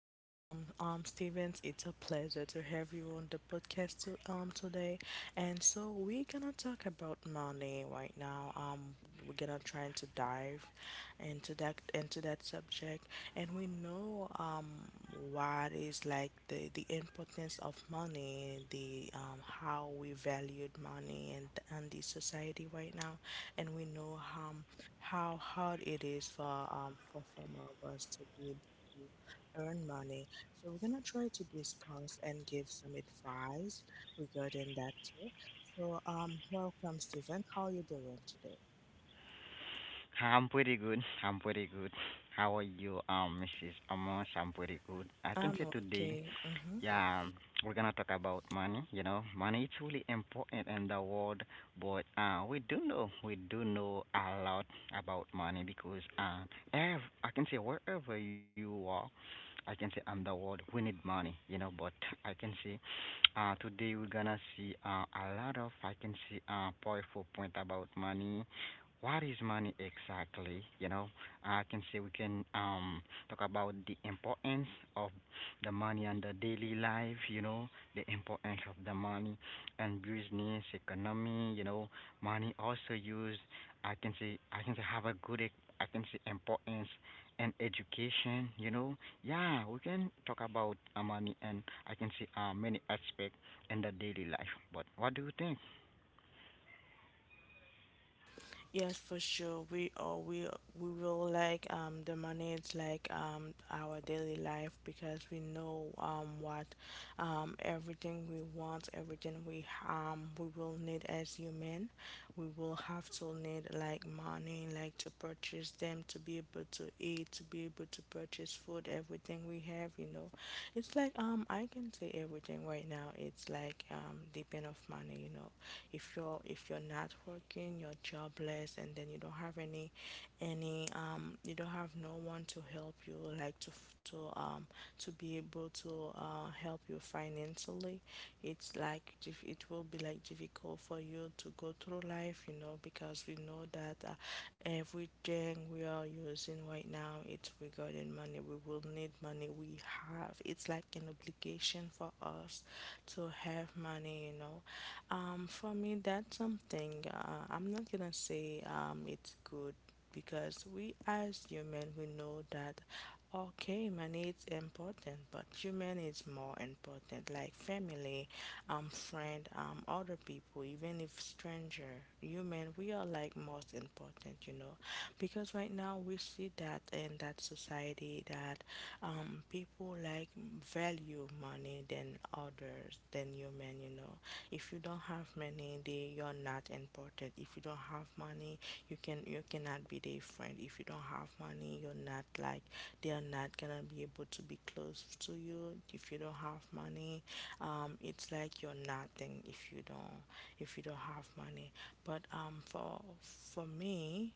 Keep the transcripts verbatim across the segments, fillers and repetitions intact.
welcome. Um Stevens, it's a pleasure to have you on the podcast to, um today. And so we're gonna talk about money right now. Um we're gonna try to dive into that into that subject. And and we know, um, what is like the, the importance of money, the um, how we valued money and and the society right now, and we know, um, how hard it is for um, for some of us to be able to earn money. So we're gonna try to discuss and give some advice regarding that too. So um, welcome, Stephen. How are you doing today? I'm pretty good. I'm pretty good. How are you, um, Missus Amos? I'm pretty good. I can I'm say today okay. Hmm. yeah, um, we're gonna talk about money. You know, money is really important in the world, but uh, we do know we do know a lot about money because um, ev- I can say wherever you are, I can say in the world we need money. You know, but I can say uh, today we're gonna see uh, a lot of I can see uh, powerful point about money. What is money exactly? You know, I can say we can um talk about the importance of the money and the daily life, you know, the importance of the money and business, economy, you know, money also used, I can say, I can say have a good, ec- I can say importance and education, you know. Yeah, we can talk about uh, money and I can see uh, many aspects in the daily life. But what do you think? Yes, for sure. We all we we will like, um the money is like, um our daily life, because we know, um what, um everything we want, everything we um we will need as human. We will have to need like money, like to purchase them, to be able to eat, to be able to purchase food, everything we have, you know. It's like, um I can say everything right now. It's like, um depend of money, you know. If you're if you're not working, you're jobless, and then you don't have any, any um you don't have no one to help you, like to f- to um to be able to uh help you financially. It's like dif- it will be like difficult for you to go through life, you know, because we know that, uh, everything we are using right now, it's regarding money. We will need money we have. It's like an obligation for us to have money, you know. Um for me, that's something, uh, I'm not gonna say, um it's good, because we as human we know that, okay, money is important but human is more important, like family, um, friend, um, other people, even if stranger, human, we are like most important, you know, because right now we see that in that society that, um, people like value money than others, than human, you know. If you don't have money, they you're not important. If you don't have money, you can you cannot be their friend. If you don't have money, you're not like they are not gonna be able to be close to you. If you don't have money, um, it's like you're nothing if you don't if you don't have money. But um, for for me,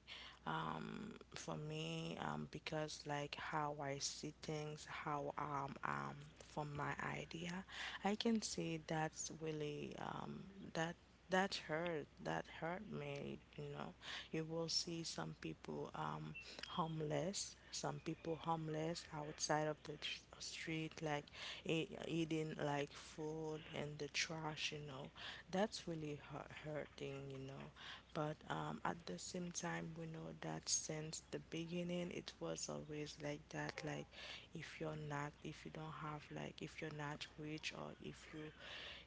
um, for me um, because like how I see things, how um, um, from my idea, I can see that's really, um, that that hurt that hurt me, you know. You will see some people, um homeless, some people homeless outside of the tr- uh, street, like e- eating like food and the trash, you know. That's really hu- hurting, you know. But um, at the same time, we know that since the beginning it was always like that, like if you're not if you don't have, like, if you're not rich or if you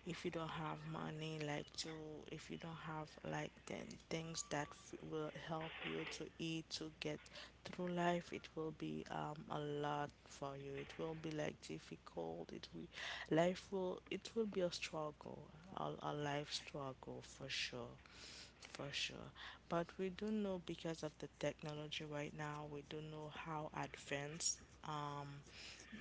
if you don't have money, like, to if you don't have like then things that f- will help you to eat, to get through life, it will be, um a lot for you. It will be like difficult it will, life will it will be a struggle, a, a life struggle, for sure, for sure but we do know, because of the technology right now, we do know how advanced, um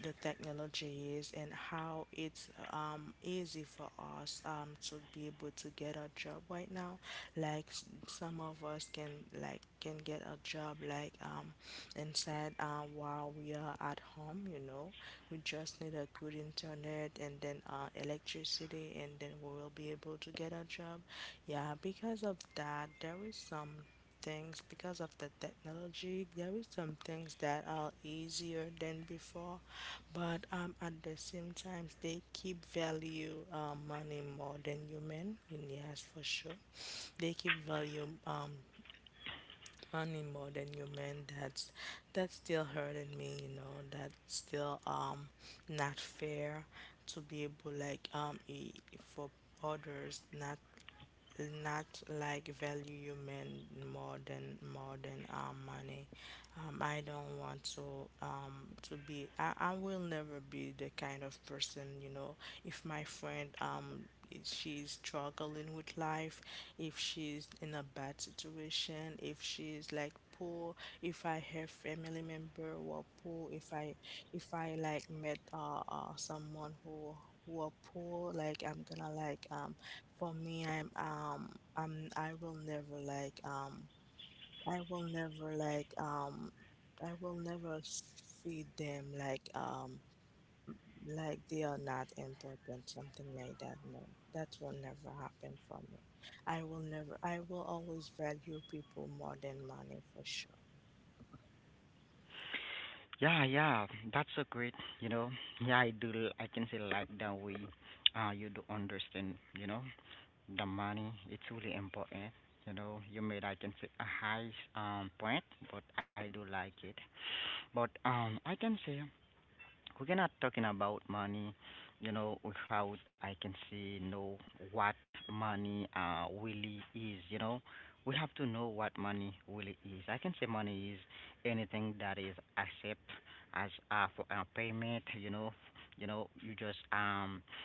the technology is, and how it's, um easy for us, um to be able to get a job right now, like s- some of us can, like can get a job, like, um inside, uh, while we are at home, you know. We just need a good internet, and then, uh, electricity, and then we will be able to get a job. Yeah, because of that, there is some things, because of the technology there is some things that are easier than before. But um, at the same time, they keep value, uh, money more than human. And yes, for sure, they keep value, um money more than you men. That's that's still hurting me, you know. That's still, um not fair to be able like, um e- for others not, not like value you men, more than more than, um money. Um, I don't want to, um, to be. I, I will never be the kind of person, you know. If my friend, um is- she's struggling with life, if she's in a bad situation, if she's like poor, if I have family member who are poor, if I if I like met, uh, uh someone who who are poor, like I'm gonna like um for me I'm um I'm I will never like um I will never like um I will never see them, like, um like they are not important, something like that. No, that will never happen for me. I will never I will always value people more than money, for sure. Yeah, yeah, that's a great, you know. Yeah, I do, I can say like that way uh, you do understand, you know. The money, it's really important. You know, you may I can say a high um point, but I do like it. But um, I can say we cannot talking about money. You know, without I can say know what money uh really is. You know, we have to know what money really is. I can say money is anything that is accept as uh, for a payment. You know, you know, you just um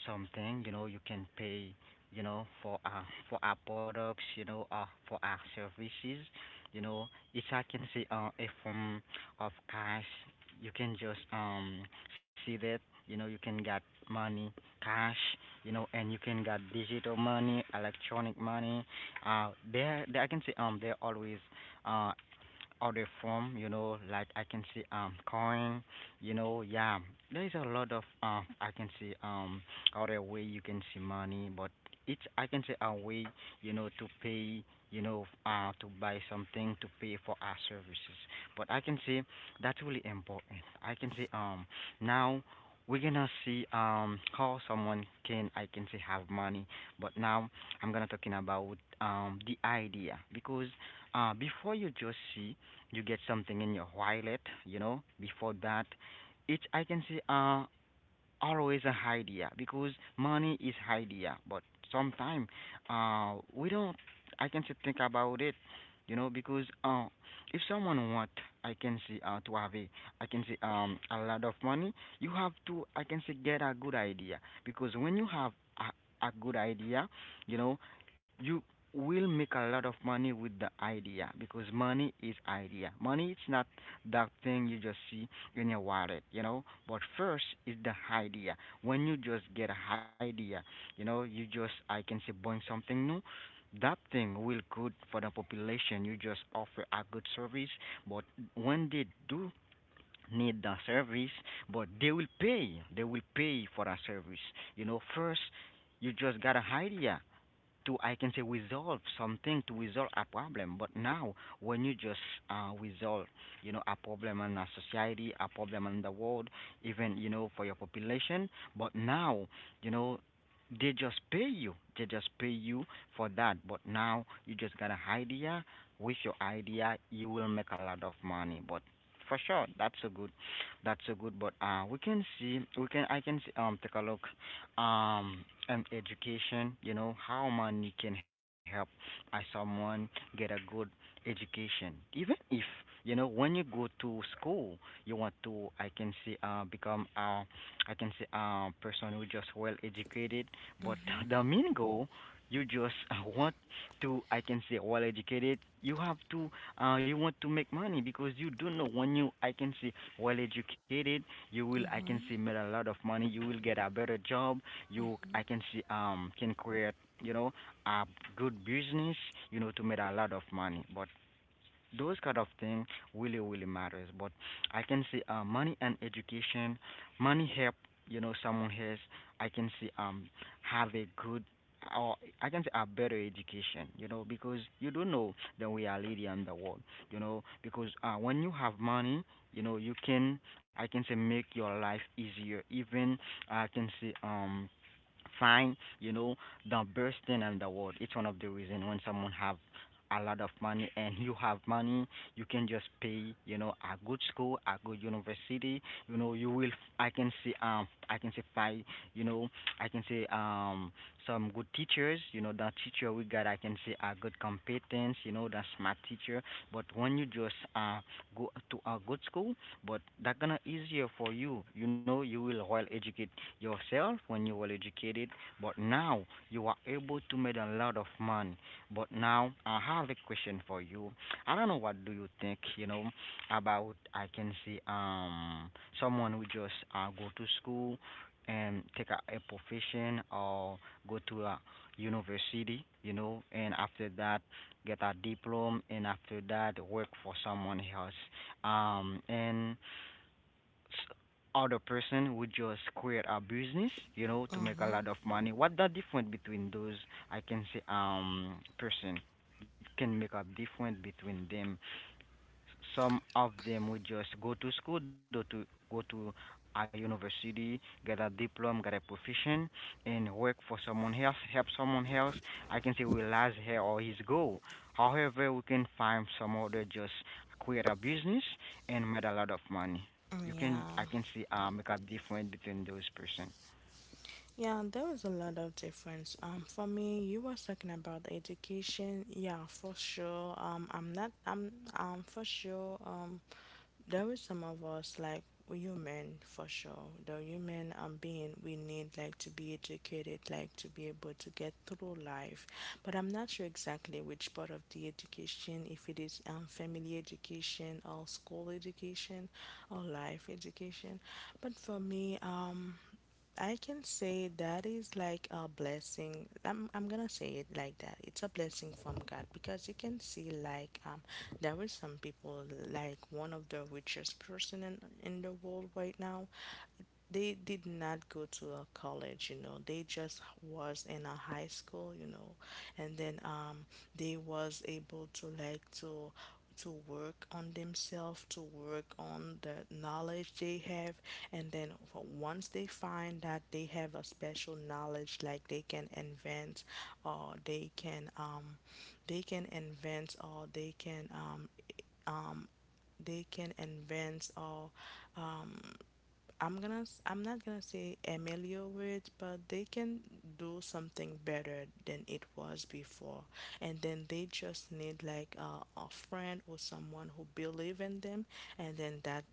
get something, you know, you can pay, you know, for our for our products, you know, uh for our services, you know. It's i can say uh a form of cash. You can just um see that, you know, you can get money, cash, you know, and you can get digital money, electronic money. uh there, there i can say um there always uh other form, you know, like I can see um coin, you know, yeah. There's a lot of uh I can see um other way you can see money, but it's I can say a way, you know, to pay, you know, uh to buy something, to pay for our services. But I can say that's really important. I can say um now we're gonna see um how someone can I can say have money. But now I'm gonna talking about um the idea because uh, before you just see you get something in your wallet, you know, before that it's i can say uh always a idea because money is idea, but sometimes uh we don't i can say think about it, you know, because uh if someone want i can say uh to have a I can say um a lot of money, you have to i can say get a good idea, because when you have a, a good idea, you know, you will make a lot of money with the idea because money is idea. Money, it's not that thing you just see in your wallet, you know. But first is the idea. When you just get an idea, you know, you just I can say buying something new. That thing will good for the population. You just offer a good service, but when they do need the service, but they will pay. They will pay for a service. You know, first you just got an idea to I can say resolve something, to resolve a problem. But now, when you just uh, resolve, you know, a problem in a society, a problem in the world, even, you know, for your population, but now, you know, they just pay you. They just pay you for that. But now you just got an idea. With your idea, you will make a lot of money. But for sure, that's so good, that's so good. But uh, we can see, we can, I can see, um, take a look um and education, you know, how money can help uh, someone get a good education. Even if, you know, when you go to school you want to i can say uh become a I can say a person who just well educated, but Mhm. the main goal, you just uh, want to i can say well educated. You have to uh you want to make money, because you don't know when you i can say well educated, you will i can say Mhm. make a lot of money, you will get a better job. You, I Mhm. can see um can create, you know, a good business, you know, to make a lot of money. But those kind of thing really really matters. But I can see uh, money and education, money help, you know, someone has I can see um have a good or I can say a better education, you know, because you don't know the reality on the world, you know, because uh, when you have money, you know, you can I can say make your life easier. Even I can say um find, you know, the best thing in the world. It's one of the reason when someone have a lot of money and you have money, you can just pay, you know, a good school, a good university, you know, you will i can see um I can see five, you know, I can see um some good teachers, you know, the teacher we got I can see a good competence, you know, the smart teacher. But when you just uh go to a good school, but that gonna easier for you, you know, you will well educate yourself. When you were educated, but now you are able to make a lot of money. But now I have a question for you. I don't know what do you think, you know, about I can see um someone who just uh, go to school and take a, a profession or go to a university, you know, and after that get a diploma and after that work for someone else. Um and other person would just create a business, you know, to make a Mhm. lot of money. What the difference between those I can say um person? You can make a difference between them, some of them would just go to school, go to go to a university, get a diploma, get a profession, and work for someone else, help someone else. I can say realize her or his goal. However, we can find some other just create a business and made a lot of money. Mm, You can yeah. I can see uh, make a difference between those person. Yeah, there was a lot of difference. Um, for me, you were talking about education. Yeah, for sure. Um, I'm not. I'm. Um, for sure. Um, there were some of us, like, we human for sure. The human, um being, we need, like, to be educated, like, to be able to get through life. But I'm not sure exactly which part of the education, if it is, um family education, or school education, or life education. But for me, um I can say that is like a blessing. I'm I'm gonna say it like that. It's a blessing from God, because you can see, like, um there is some people, like one of the richest person in in the world right now, they did not go to a college, you know, they just was in a high school, you know, and then, um they was able to, like, to to work on themselves, to work on the knowledge they have, and then, for- once they find that they have a special knowledge, like they can invent, or they can, um they can invent or they can um they can invent or um I'm gonna s- I'm not gonna say ameliorate, but they can do something better than it was before, and then they just need, like, a, a friend, or someone who believe in them, and then that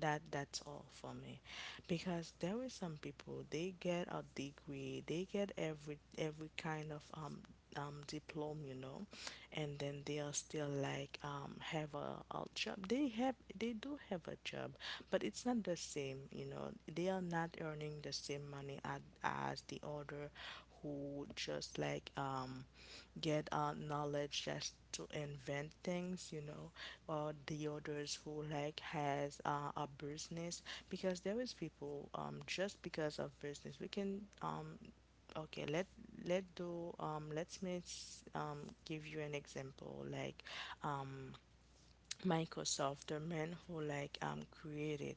that that's all for me. Because there is some people, they get a degree, they get every every kind of, um um, diploma, you know, and then they are still, like, um, have a, a job. They have they do have a job, but it's not the same, you know. They are not earning the same money as, as the other, who just, like, um, get, uh, knowledge, just to invent things, you know, or the others who, like, has, uh, a business, because there is people, um, just because of business we can, um, okay, let let do, um let's miss, um give you an example, like, um Microsoft, the man who, like, um created,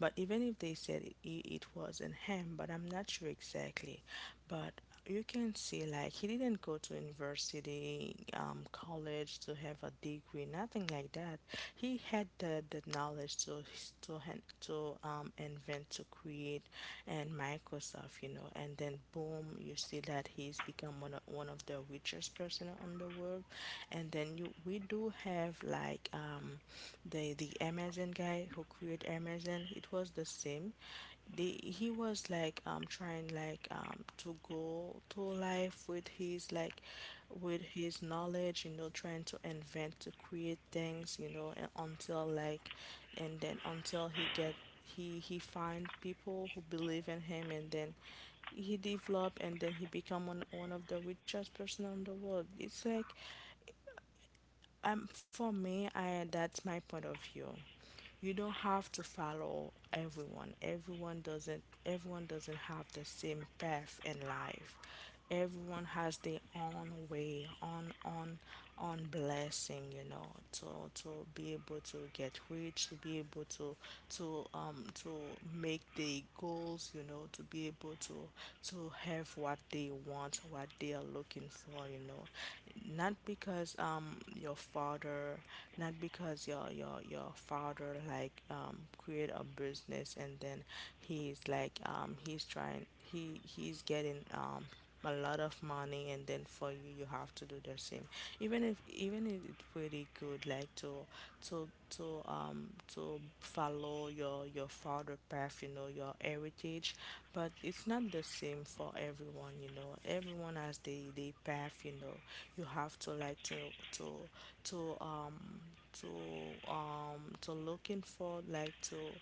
but even if they said it, it wasn't him, but I'm not sure exactly, but you can see, like, he didn't go to university, um, college, to have a degree, nothing like that. He had the, the knowledge to, to han- to um, invent, to create, and Microsoft, you know. And then boom, you see that he's become one of, one of the richest person on the world. And then you we do have, like, um, the the Amazon guy who created Amazon. It was the same. The He was, like, um trying, like, um to go to life with his, like, with his knowledge, you know, trying to invent, to create things, you know, and until like and then, until he get he he find people who believe in him, and then he develop, and then he become one, one of the richest person in the world. It's like, um, for me, I that's my point of view. You don't have to follow everyone. Everyone doesn't everyone doesn't have the same path in life. Everyone has their own way, on on on blessing, you know, to, to be able to get rich, to be able to, to um to make the goals, you know, to be able to, to have what they want, what they are looking for, you know. Not because, um your father, not because your your your father, like, um create a business, and then he's, like, um he's trying he he's getting, um a lot of money, and then for you you have to do the same, even if even if it's pretty good, like, to, to to um to follow your your father path, you know, your heritage, but it's not the same for everyone, you know. Everyone has their their path, you know. You have to like to to to um to um to looking for like to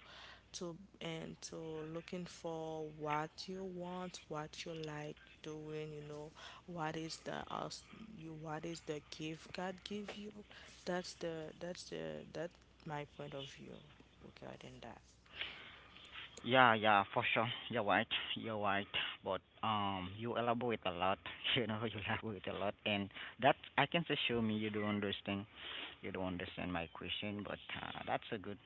to and to looking for what you want, what you like doing, you know, what is the us you what is the gift God give you. That's the that's the that's my point of view regarding that. Yeah, yeah, for sure. You're right. You're right. But um, you elaborate a lot. You know, you elaborate a lot, and that I can say, show me you don't understand. You don't understand my question, but uh, that's a good,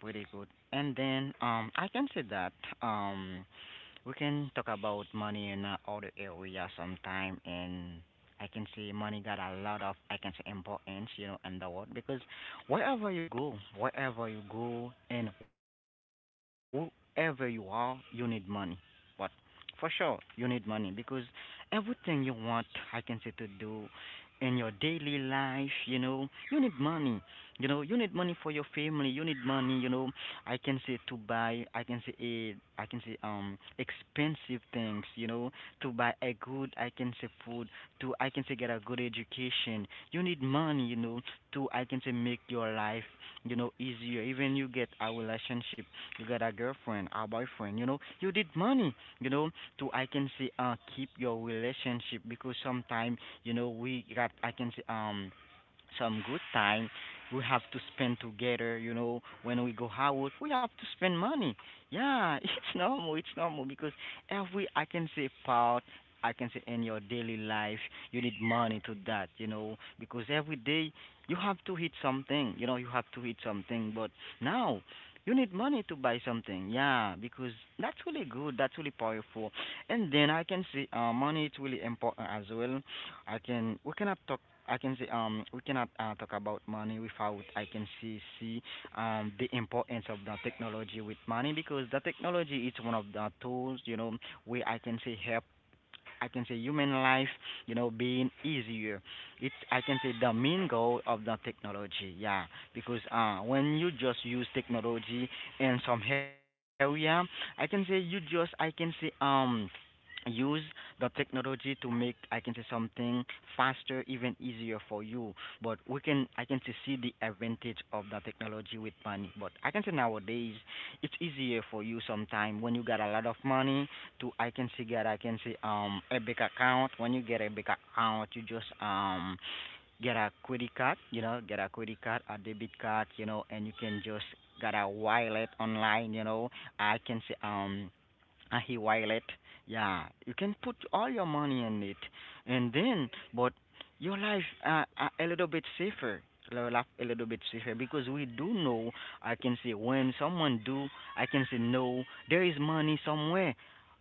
pretty good. And then um, I can say that um. We can talk about money in uh, other area sometime, and I can see money got a lot of I can say importance, you know, in the world because wherever you go, wherever you go, and whoever you are, you need money. But for sure, you need money because everything you want, I can say to do in your daily life, you know, you need money. You know, you need money for your family. You need money, you know, I can say to buy, I can say a, I can say um expensive things, you know, to buy a good, I can say food, to I can say get a good education. You need money, you know, to I can say make your life, you know, easier. Even you get a relationship, you get a girlfriend, a boyfriend, you know, you need money, you know, to I can say uh keep your relationship, because sometimes, you know, we got I can say um some good time we have to spend together, you know, when we go out we have to spend money, yeah. It's normal, it's normal, because every I can say part I can say in your daily life you need money to that, you know, because every day you have to eat something, you know, you have to eat something, but now you need money to buy something, yeah, because that's really good, that's really powerful. And then I can see uh, money is really important as well. I can we cannot talk I can say um we cannot uh, talk about money without I can see see um the importance of the technology with money, because the technology is one of the tools, you know, where I can say help I can say human life, you know, being easier. It's I can say the main goal of the technology, yeah. Because uh when you just use technology in some area, I can say you just I can say um use the technology to make I can say something faster, even easier for you. But we can I can say see the advantage of the technology with money. But I can say nowadays it's easier for you sometime when you got a lot of money to I can see get I can see um a big account. When you get a big account, you just um get a credit card, you know, get a credit card, a debit card, you know, and you can just get a wallet online, you know. I can see um a he wallet. Yeah, you can put all your money in it, and then, but your life uh, uh, a little bit safer. Your life a little bit safer because we do know. I can say when someone do, I can say no. There is money somewhere.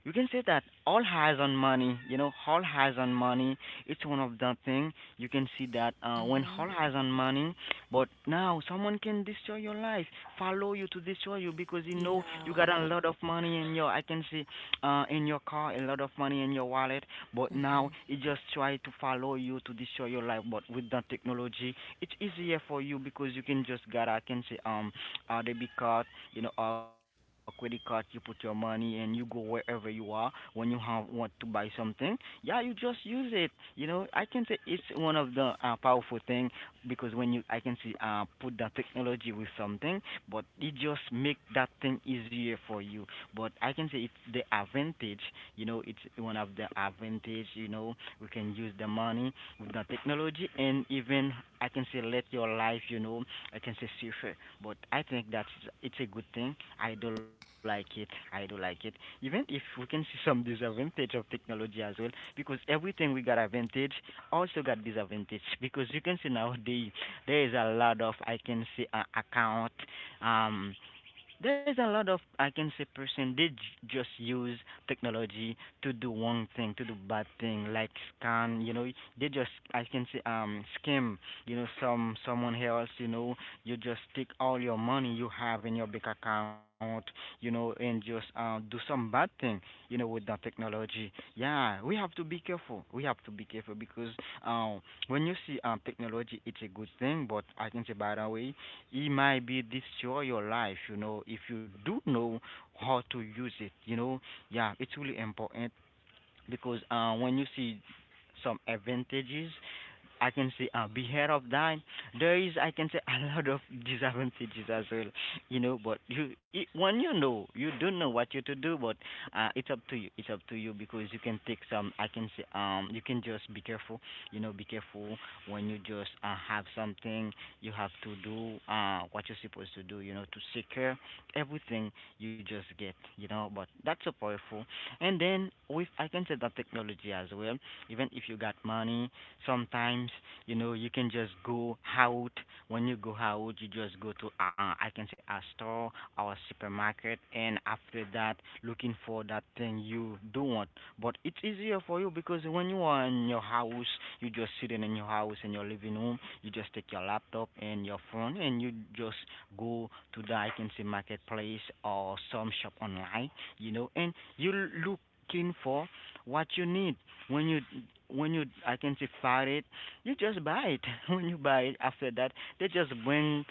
You can say that all has on money. You know, all has on money. It's one of the thing you can see that uh, when Mm-hmm. all has on money, but now someone can destroy your life, follow you to destroy you because you know you Yeah. got a lot of money in your I can see uh in your car, a lot of money in your wallet, but now it just try to follow you to destroy your life. But with the technology it's easier for you because you can just get I can say um a debit card, you know, a credit card, you put your money and you go wherever you are when you have want to buy something. Yeah, you just use it. You know, I can say it's one of the uh, powerful thing because when you I can see uh put that technology with something, but it just make that thing easier for you. But I can say it's the advantage, you know, it's one of the advantage, you know, we can use the money with the technology and even I can say let your life, you know, I can say safer. But I think that's it's a good thing. I do like it. I do like it. Even if we can see some disadvantage of technology as well, because everything we got advantage also got disadvantage because you can see nowadays there is a lot of I can see uh, account um there's a lot of, I can say, person did j- just use technology to do one thing, to do bad thing, like scan. You know, they just, I can say, um, scam. You know, some someone else. You know, you just take all your money you have in your bank account. You know, and just uh, do some bad thing. You know, with the technology. Yeah, we have to be careful. We have to be careful because um, when you see um technology, it's a good thing. But I can say, by the way, it might be destroy your life, you know, if you do know how to use it, you know. Yeah, it's really important because uh when you see some advantages I can say uh, beware of that. There is, I can say, a lot of disadvantages as well, you know. But you, it, when you know, you don't know what you to do, but uh, it's up to you. It's up to you because you can take some. I can say, um, you can just be careful, you know, be careful when you just uh, have something you have to do, uh, what you're supposed to do, you know, to secure everything you just get, you know. But that's so powerful. And then with, I can say that technology as well. Even if you got money sometimes, you know, you can just go out. When you go out you just go to uh, I can say a store or a supermarket, and after that looking for that thing you don't want. But it's easier for you because when you are in your house you just sitting in your house in your living room, you just take your laptop and your phone and you just go to the I can say marketplace or some shop online, you know, and you looking for what you need. When you when you I can say fight it, you just buy it. When you buy it, after that they just bring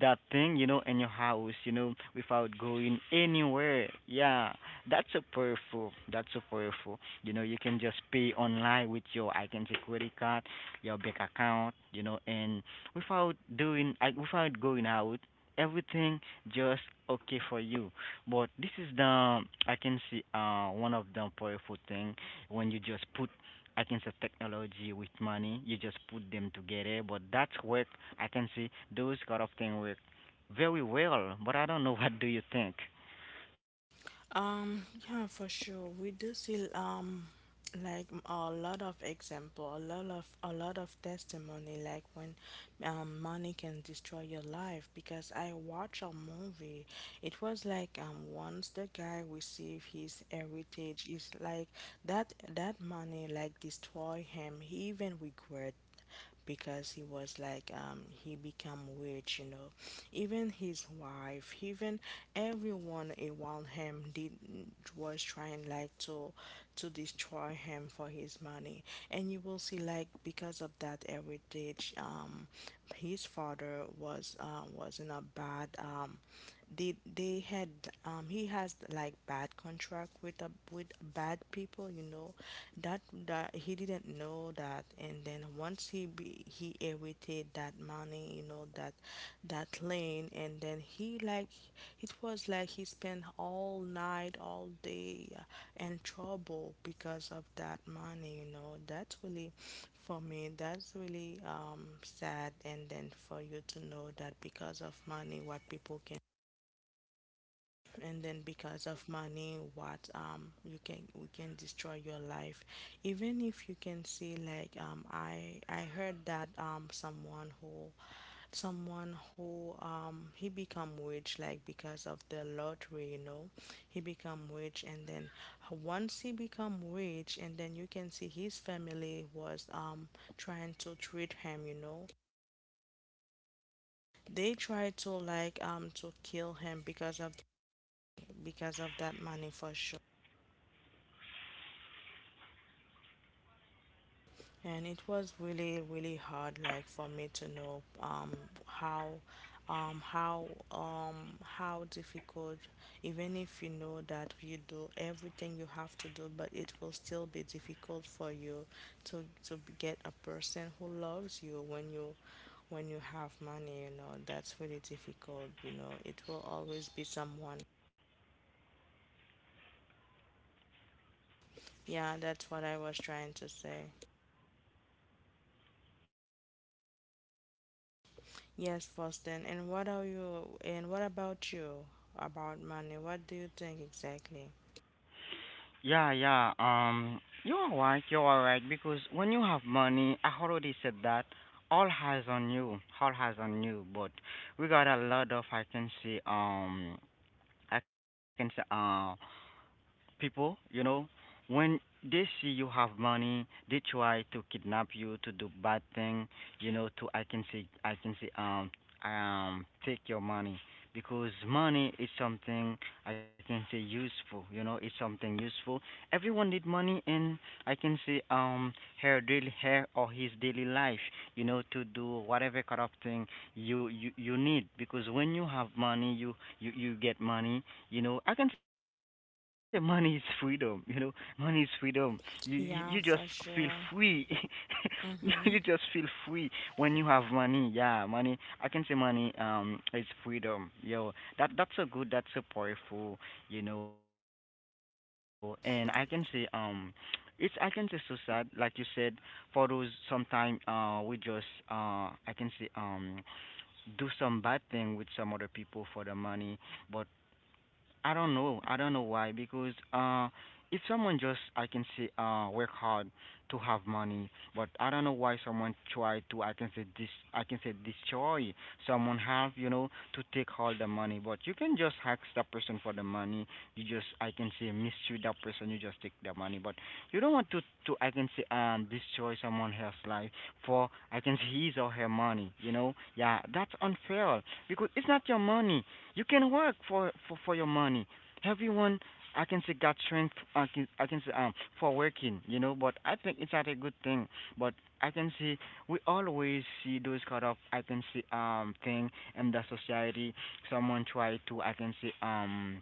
that thing, you know, in your house, you know, without going anywhere. Yeah, that's so powerful. That's so powerful. You know, you can just pay online with your I can say credit card, your bank account, you know, and without doing I without going out. Everything just okay for you, but this is the I can see uh one of the powerful thing when you just put I can say technology with money. You just put them together, but that's work. I can see those kind of thing work very well. But I don't know what do you think. Um, yeah, for sure. We do see um like m- a lot of example, a lot of a lot of testimony like when um money can destroy your life because I watch a movie. It was like um once the guy received his heritage is like that that money like destroy him. He even regret because he was like um he became rich, you know even his wife, even everyone around him, did was trying like to to destroy him for his money. And you will see, like, because of that heritage, um his father was uh, was in a bad um they they had um he has like bad contract with a, with bad people, you know that that he didn't know that. And then once he be, he inherited that money, you know, that that lane. And then he, like, it was like he spent all night, all day, uh, in trouble because of that money. You know, that's really, for me, that's really um sad. And then for you to know that because of money what people, and then because of money what, um you can, we can destroy your life. Even if you can see, like, um i i heard that um someone who someone who, um he become rich like because of the lottery, you know. He become rich, and then once he become rich, and then you can see his family was um trying to treat him, you know. They tried to, like, um to kill him because of, because of that money, for sure. And it was really, really hard, like, for me to know, um, how, um, how, um, how difficult. Even if you know that you do everything you have to do, but it will still be difficult for you to to b- get a person who loves you when you, when you have money. You know, that's really difficult. You know, it will always be someone. Yeah, that's what I was trying to say. Yes, Boston. And what are you, and what about you about money? What do you think exactly? Yeah, yeah. Um, you're right. You're right because when you have money, I already said that all has on you. All has on you. But we got a lot of I can say um I can say uh people, you know, when they see you have money, they try to kidnap you to do bad thing, you know, to I can say I can say um um take your money because money is something I can say useful, you know, it's something useful. Everyone need money in I can say um her daily her or his daily life, you know, to do whatever kind of thing you you, you need because when you have money you, you you get money, you know, I can say money is freedom. You know, money is freedom. You you, you just feel Yeah, for free sure. you you just feel Mm-hmm. free when you have money. Yeah, money, I can say money um is freedom, yo. that that's a good, that's a powerful, you know, and I can say um it's I can say so sad, like you said, for those sometime uh we just uh I can say um do some bad thing with some other people for the money. But I don't know. I don't know why. Because uh, if someone just, I can say, uh, work hard to have money, but I don't know why someone try to, I can say, this I can say, destroy someone have, you know, to take all the money. But you can just ask that person for the money. You just, I can say, mistreat that person. You just take the money. But you don't want to, to, I can say, um, destroy someone else's life for, I can say, his or her money. You know, yeah, that's unfair because it's not your money, you can work for for for your money. Everyone, I can say, got strength. I can I can say um for working, you know. But I think it's not a good thing. But I can see we always see those kind of I can see um thing in the society. Someone try to I can see um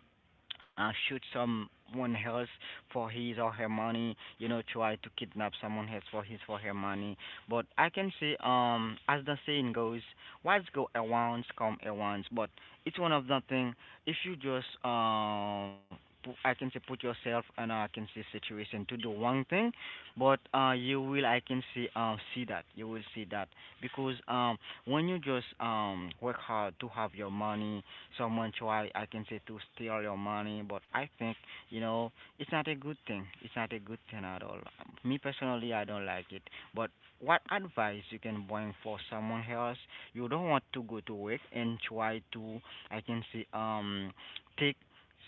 uh, shoot someone else for his or her money, you know, try to kidnap someone else for his or her money. But I can say, um, as the saying goes, what's go around come around. But it's one of the thing if you just uh pu- I can say put yourself in a I can say situation to do one thing, but uh you will I can see uh see that you will see that because um when you just um work hard to have your money, someone try I can say to steal your money, but I think you know it's not a good thing. It's not a good thing at all. Me personally, I don't like it. But what advice you can bring for someone else? You don't want to go to work and try to I can see um take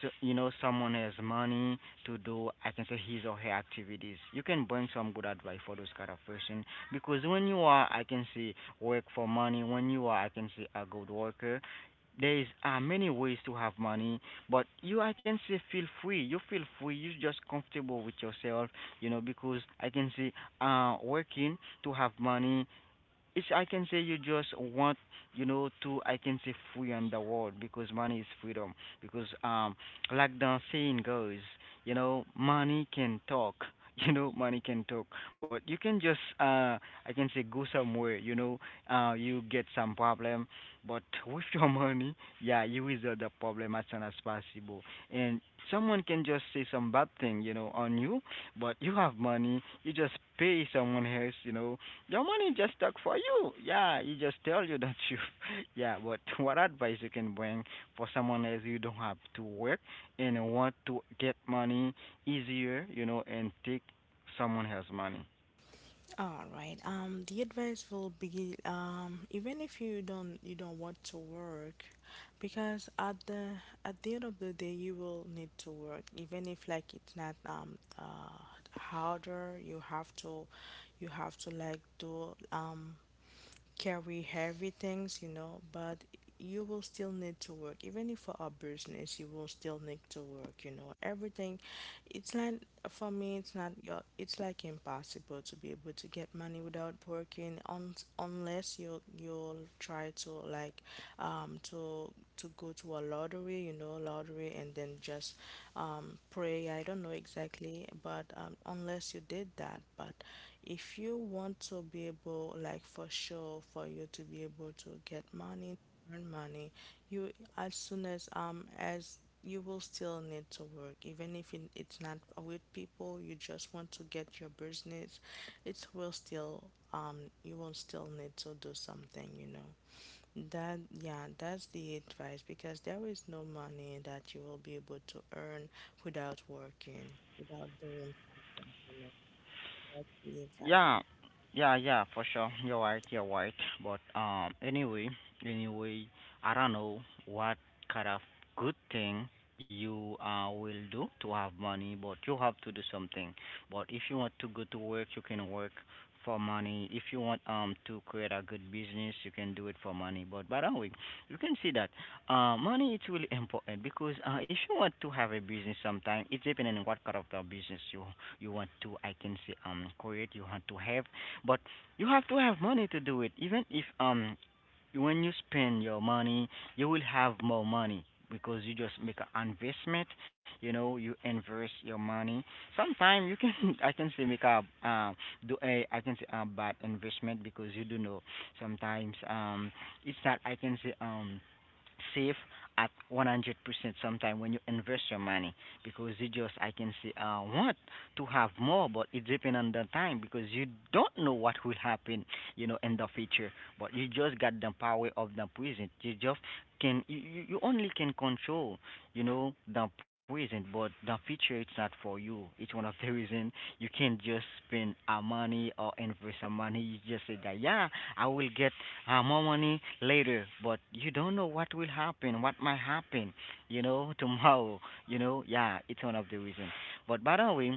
so, you know, someone has money to do I can say his or her activities. You can bring some good advice for those kind of person because when you are I can say work for money, when you are I can say a good worker, there is uh, many ways to have money, but you I can say feel free. You feel free. You just comfortable with yourself, you know, because I can say uh working to have money, it's I can say you just want, you know, to I can say free on the world, because money is freedom. Because um like the saying goes, you know, money can talk. You know, money can talk, but you can just uh I can say go somewhere, you know, uh you get some problem, but with your money, yeah, you resolve the problem as soon as possible. And someone can just say some bad thing, you know, on you, but you have money, you just pay someone else, you know, your money just stuck for you. Yeah, you just tell you that you. Yeah, but what advice you can bring for someone else you don't have to work and want to get money easier, you know, and take someone else's money? All right. Um, the advice will be, um, even if you don't you don't want to work, because at the, at the end of the day you will need to work. Even if like it's not um uh harder, you have to, you have to like do um carry heavy things, you know, but you will still need to work. Even if for a business, you will still need to work, you know. Everything, it's not, for me, it's not, your- it's like impossible to be able to get money without working on unless you, you'll try to, like, um, to, to go to a lottery, you know, lottery, and then just, um, pray. I don't know exactly, but, um, unless you did that. But if you want to be able, like for sure, for you to be able to get money, earn money, you, as soon as um as you will still need to work, even if it, it's not with people. You just want to get your business. It will still um you will still need to do something. You know. That, yeah, that's the advice, because there is no money that you will be able to earn without working, without doing something, you know. That's the advice. Yeah, yeah, yeah, for sure. You're right, you're right. But um, anyway, anyway, I don't know what kind of good thing you uh will do to have money, but you have to do something. But if you want to go to work, you can work for money. If you want um to create a good business, you can do it for money. But by the way, you can see that uh, money, it's really important, because uh, if you want to have a business sometime, it's depending on what kind of the business you you want to I can say um create, you want to have, but you have to have money to do it, even if um when you spend your money, you will have more money because you just make an investment. You know, you invest your money, sometimes you can I can say make a uh, do a I can say a bad investment, because you do know sometimes um it's not I can say um safe at one hundred percent. Sometime when you invest your money, because you just I can say uh, want to have more, but it depends on the time, because you don't know what will happen, you know, in the future. But you just got the power of the present, you just can, you, you you only can control, you know, the present, but the future, it's not for you. It's one of the reason you can't just spend our money or invest our money. You just say that, yeah, I will get uh, more money later, but you don't know what will happen, what might happen, you know, tomorrow, you know, yeah, it's one of the reasons. But by the way,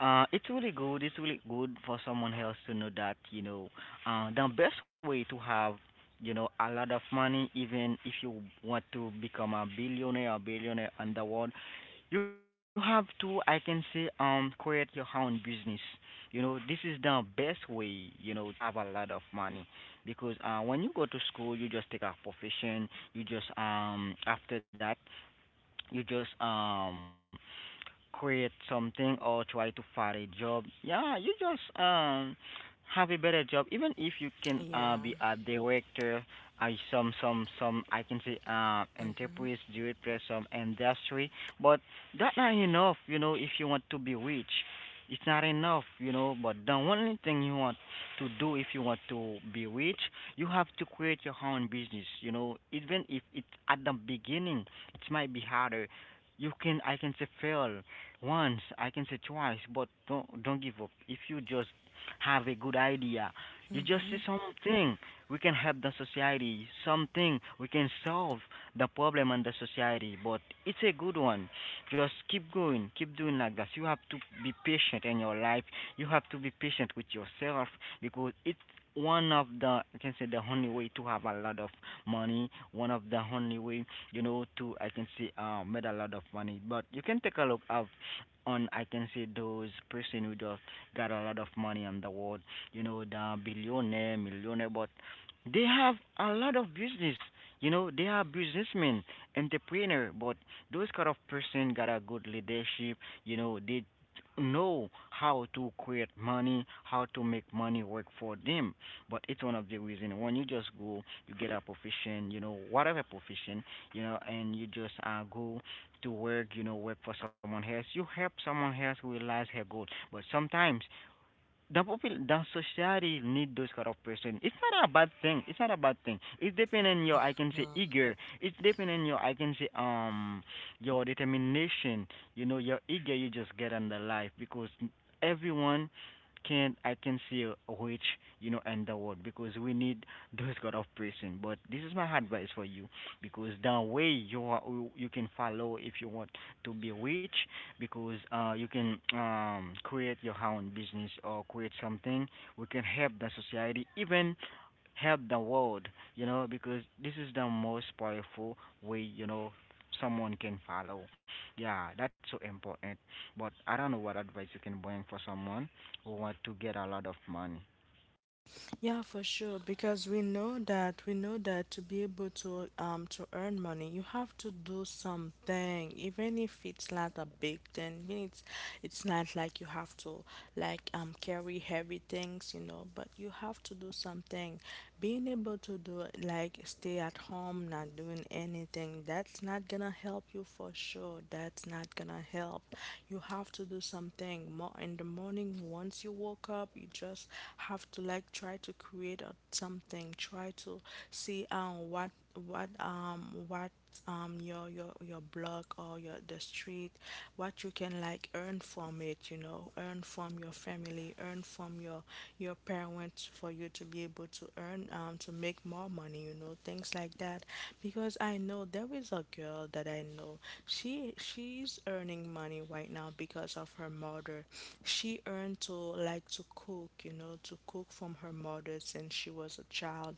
uh, it's really good, it's really good for someone else to know that, you know, uh, the best way to have, you know, a lot of money, even if you want to become a billionaire or billionaire on the world, you have to I can say um create your own business. You know, this is the best way, you know, to have a lot of money, because uh when you go to school, you just take a profession, you just um after that, you just um create something or try to find a job. Yeah, you just um have a better job. Even if you can Yeah. uh be a director, I some some some I can say uh Mhm. enterprise director, some industry, but that's not enough. You know, if you want to be rich, it's not enough. You know, but the only thing you want to do, if you want to be rich, you have to create your own business. You know, even if it's at the beginning, it might be harder. You can I can say fail once, I can say twice, but don't don't give up. If you just have a good idea, you just Mhm. see something we can help the society, something we can solve the problem in the society. But it's a good one. Just keep going, keep doing like that. You have to be patient in your life. You have to be patient with yourself because it's one of the I can say the only way to have a lot of money, one of the only way, you know, to I can say uh, made a lot of money. But you can take a look up on I can say those person who just got a lot of money on the world, you know, the billionaire, millionaire, but they have a lot of business. You know, they are businessmen, entrepreneur, but those kind of person got a good leadership. You know, they know how to create money, how to make money work for them. But it's one of the reason when you just go, you get a profession, you know, whatever profession, you know, and you just uh, go to work, you know, work for someone else. You help someone else realize her goal. But sometimes the popul the society need those kind of person. It's not a bad thing. It's not a bad thing. It's depending on your I can say Mm. eager. It's depending on your I can say um your determination. You know, you're eager, you just get on the life, because everyone can I can see which, you know, in the world, because we need those kind of person. But this is my advice for you, because the way you are, you can follow if you want to be rich, because uh, you can um, create your own business or create something we can help the society, even help the world, you know, because this is the most powerful way, you know, someone can follow. Yeah, that's so important, but I don't know what advice you can bring for someone who want to get a lot of money. Yeah, for sure. Because we know that, we know that to be able to um to earn money, you have to do something, even if it's not a big thing. I mean, it's it's not like you have to like um carry heavy things, you know. But you have to do something. Being able to do like stay at home, not doing anything, that, that's not gonna help you for sure. That's not gonna help. You have to do something more in the morning. Once you woke up, you just have to like try to create a, something. Try to see um what, what um what um your your your block or your, the street, what you can like earn from it, you know, earn from your family, earn from your your parents, for you to be able to earn um to make more money, you know, things like that. Because I know there is a girl that I know. She she's earning money right now because of her mother. She earned to like to cook, you know, to cook from her mother since she was a child.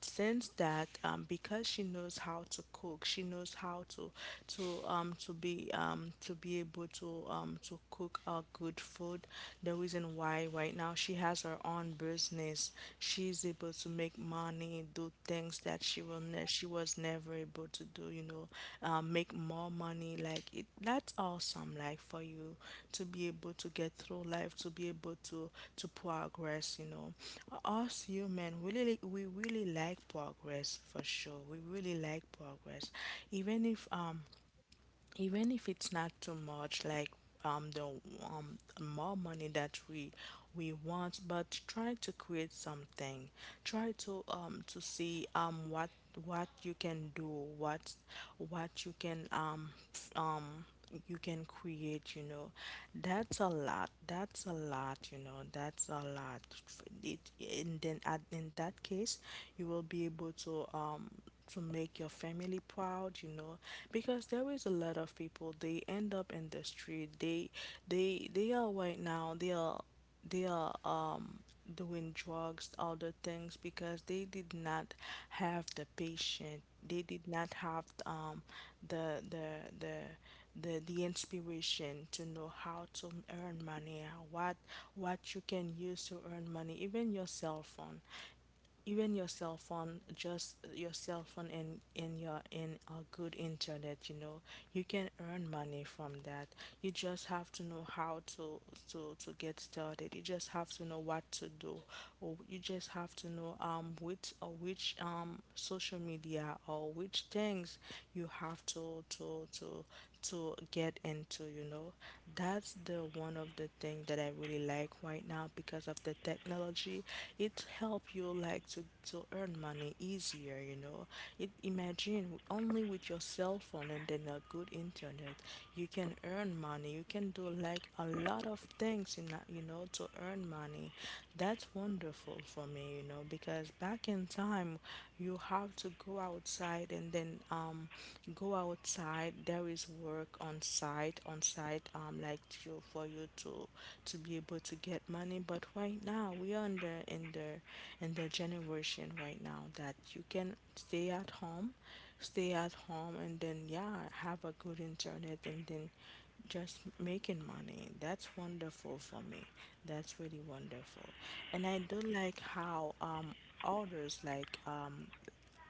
Since that, um, because she knows how to cook, she knows how to to um to be, um to be able to, um to cook a good food, the reason why right now she has her own business. She's able to make money, do things that she will ne- she was was never able to do, you know, um, make more money. Like, it, that's awesome. Like for you to be able to get through life, to be able to to progress, you know. Us human, we really we really like progress for sure. We really like progress, even if um even if it's not too much like um the, um more money that we we want. But try to create something, try to, um to see um what what you can do, what what you can, um f- um you can create, you know. that's a lot that's a lot you know that's a lot. F- it And then at, in that case, you will be able to, um to make your family proud, you know. Because there is a lot of people they end up in the street. They they they are right now, they are, they are, um doing drugs, other things because they did not have the patient, they did not have um the, the the, the, the inspiration to know how to earn money. uh, what what you can use to earn money, even your cell phone, even your cell phone, just your cell phone and in your, in a good internet, you know, you can earn money from that. You just have to know how to, to to get started. You just have to know what to do, or you just have to know um which, or which um social media, or which which things you have to to to to get into, you know. That's the one of the thing that I really like right now, because of the technology, it help you like to to earn money easier, you know. It, imagine, only with your cell phone and then a good internet, you can earn money, you can do like a lot of things in that, you know, to earn money. That's wonderful for me, you know, because back in time, you have to go outside and then um go outside. There is work on site, on site um like you, for you to to be able to get money. But right now, we are in the, in the, in the generation right now that you can stay at home, stay at home, and then yeah, have a good internet, and then just making money. That's wonderful for me. That's really wonderful. And I do like how um others like um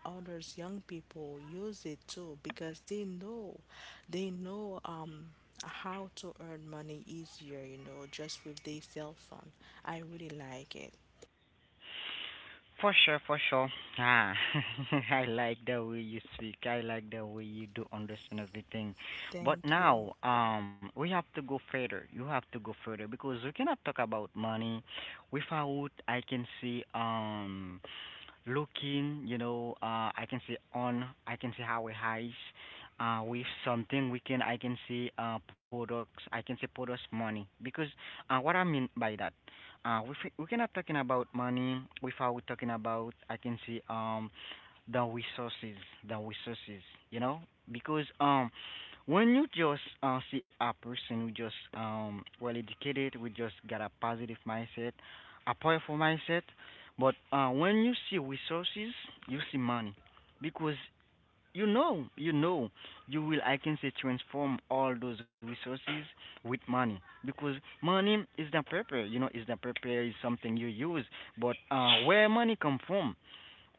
others, young people use it too, because they know, they know um how to earn money easier, you know, just with their cell phone. I really like it. For sure, for sure. Ah, I like the way you speak. I like the way you do understand everything. But Thank you. now, um, we have to go further. You have to go further because we cannot talk about money without I can see um looking, you know, uh, I can see on, I can see how it highs, uh, with something we can, I can see, uh, products, I can see products money. Because, uh, what I mean by that, uh, we fi- we cannot talking about money without talking about I can say um the resources, the resources, you know, because um when you just uh, see a person who just um well educated, we just got a positive mindset, a powerful mindset, but uh, when you see resources, you see money, because you know, you know, you will. I can say transform all those resources with money, because money is the paper. You know, is the paper, is something you use. But uh, where money come from?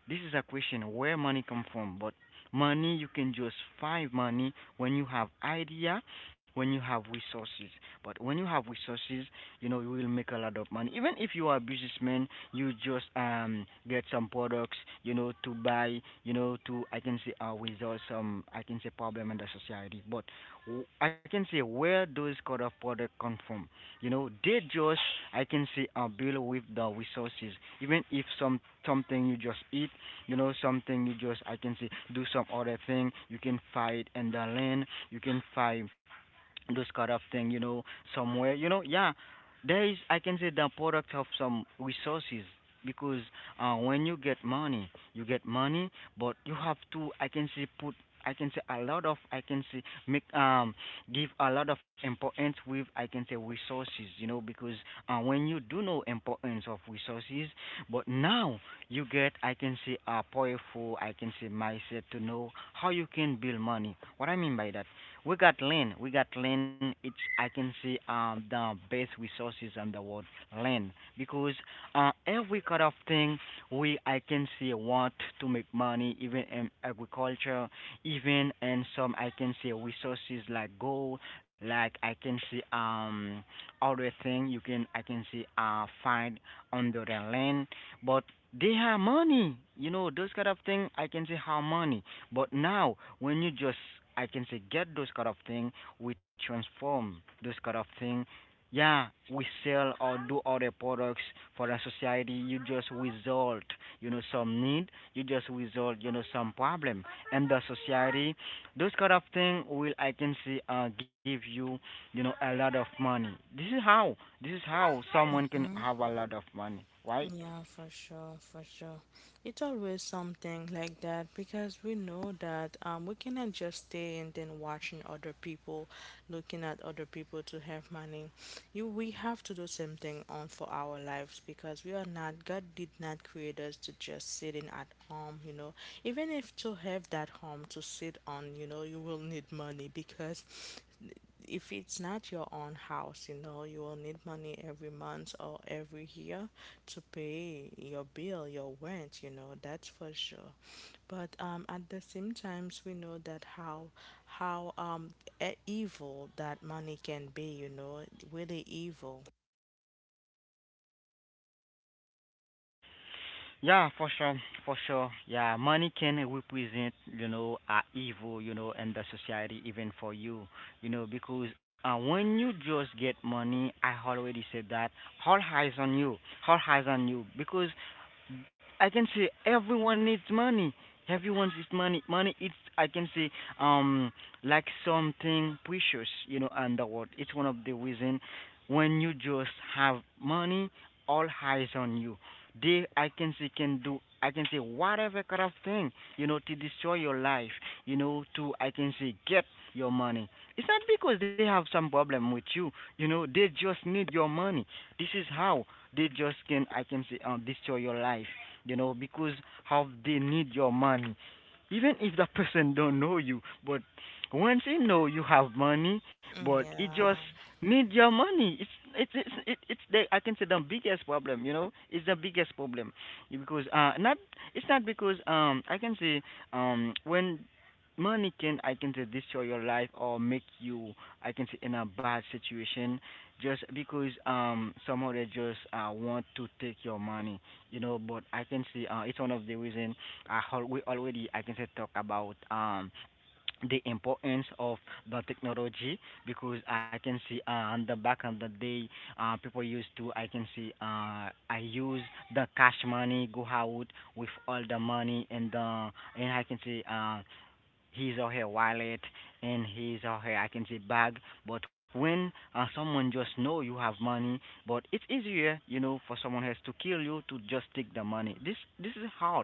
This is a question, where money come from, but money you can just find money when you have idea, when you have resources. But when you have resources, you know you will make a lot of money. Even if you are a businessman, you just um get some products, you know, to buy, you know, to I can say uh, resolve some I can say problem in the society. But w- I can say where those kind of product come from. You know, they just I can say uh, build with the resources. Even if some something you just eat, you know, something you just I can say do some other thing, you can fight in the land, you can fight this kind of thing, you know, somewhere, you know, yeah, there is, I can say, the product of some resources, because uh, when you get money, you get money, but you have to, I can say, put. I can say a lot of I can say make um give a lot of importance with I can say resources, you know, because uh, when you do know importance of resources, but now you get I can say a powerful I can say mindset to know how you can build money. What I mean by that, we got land. We got land. It's I can see um the best resources on the world, land, because uh every kind of thing we I can see want to make money, even in agriculture, even in some I can see resources like gold, like I can see um other thing you can I can see uh find under the land, but they have money. You know, those kind of thing I can see how money. But now, when you just, I can say, get those kind of thing, we transform those kind of thing. Yeah, we sell or do other products for the society. You just resolve, you know, some need. You just resolve, you know, some problem, and the society. Those kind of thing will, I can say, uh, give you, you know, a lot of money. This is how. This is how someone can Mm-hmm. have a lot of money, right? Yeah, for sure, for sure. It's always something like that, because we know that um we cannot just stay and then watching other people, looking at other people to have money. You, we have to do something on for our lives, because we are not, God did not create us to just sitting at home, you know. Even if to have that home to sit on, you know, you will need money, because if it's not your own house, you know, you will need money every month or every year to pay your bill, your rent, you know, that's for sure. But um, at the same times, we know that how how um e- evil that money can be, you know, really evil. Yeah, for sure, for sure. Yeah, money can represent, you know, uh, evil, you know, in the society, even for you, you know, because uh, when you just get money, I already said that, all eyes on you, all eyes on you, because I can say everyone needs money. Everyone needs money. Money is I can say um like something precious, you know, and the world. It's one of the reason when you just have money, all eyes on you. They I can say can do I can say whatever kind of thing, you know, to destroy your life, you know, to I can say get your money. It's not because they have some problem with you, you know, they just need your money. This is how they just can I can say um, destroy your life, you know because how they need your money, even if that person don't know you. But once he know you have money, but Mm. he just Yeah, need your money. It's it's it's it, it's the I can say the biggest problem, you know, it's the biggest problem, because uh not it's not because um I can say um when money can I can say destroy your life or make you I can say in a bad situation, just because um somehow they just uh want to take your money. You know, but I can see, uh, it's one of the reason I al- we already I can say talk about um the importance of the technology, because I can see, uh, on the back of the day, uh, people used to I can see, uh, I use the cash money, go out with all the money, and uh, and I can see, uh, his or her wallet and his or her I can say bag. But when uh, someone just know you have money, but it's easier, you know, for someone else to kill you, to just take the money. This this is how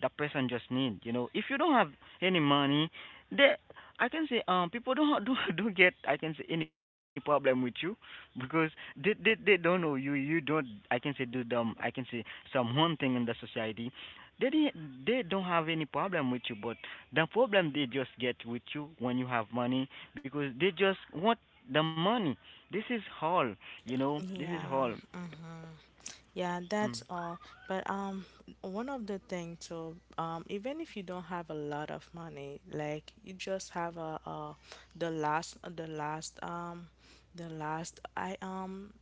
that person just need, you know, if you don't have any money, they I can say um people don't do do get I can say any problem with you, because they they they don't know you you don't I can say do them I can say some one thing in the society. They didn't, they don't have any problem with you, but the problem they just get with you when you have money, because they just want the money. This is all, you know. This is yeah. all. Mm-hmm. Yeah, Mm. that's all. But um, one of the things too, um, even if you don't have a lot of money, like you just have a, a the last the last um the last I um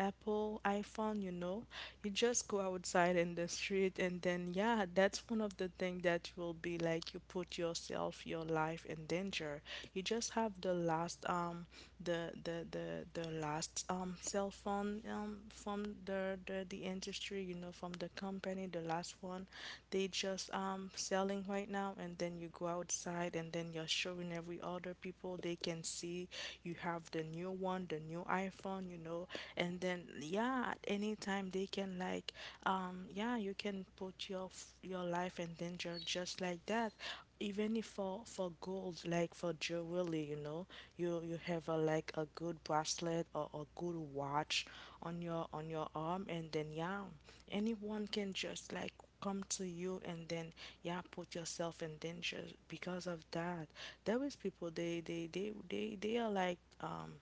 Apple iPhone, you know, you just go outside in the street, and then yeah, that's one of the things that will be like you put yourself, your life in danger. You just have the last um the the the, the last um cell phone um from the, the the industry, you know, from the company, the last one they just um selling right now. And then you go outside and then you're showing every other people they can see you have the new one, the new iPhone, you know. And then yeah, at any time they can like um, yeah, you can put your f- your life in danger just like that. Even if for for gold, like for jewelry, you know, you you have a like a good bracelet or a good watch on your on your arm, and then yeah, anyone can just like come to you and then yeah, put yourself in danger because of that. There is people, they they they they, they are like um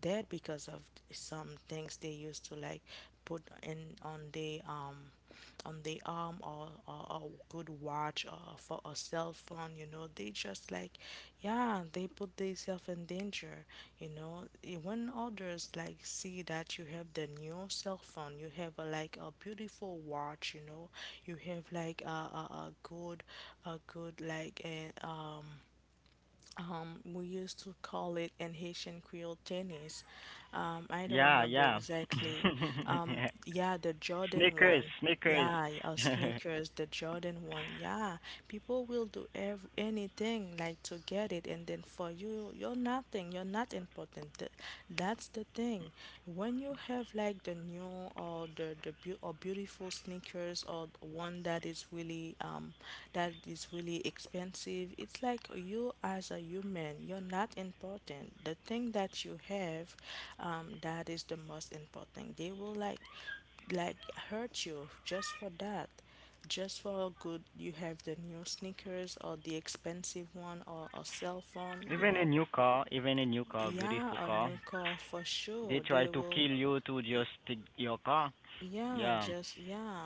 dead because of some things they used to like put in on the um on the arm, or, or a good watch or for a cell phone, you know, they just like yeah, they put themselves in danger, you know. Eh, when others like see that you have the new cell phone, you have a, like a beautiful watch, you know, you have like a, a, a good, a good like a, um um, we used to call it in Haitian Creole, tennis. Um, I don't Yeah, remember yeah. exactly. Um, yeah, the Jordan Sneakers, one. sneakers. Yeah, or sneakers, the Jordan one. Yeah, people will do ev anything like to get it, and then for you, you're nothing. You're not important. Th- that's the thing. When you have like the new or the the beau- or beautiful sneakers, or one that is really um that is really expensive, it's like you as a human, you're not important. The thing that you have, um, that is the most important. They will like like hurt you just for that, just for good you have the new sneakers or the expensive one or a cell phone, even a you new know. car, even a new car, beautiful Yeah, a car. new car for They sure. try They to kill will, you to just take your car. yeah, Yeah. just,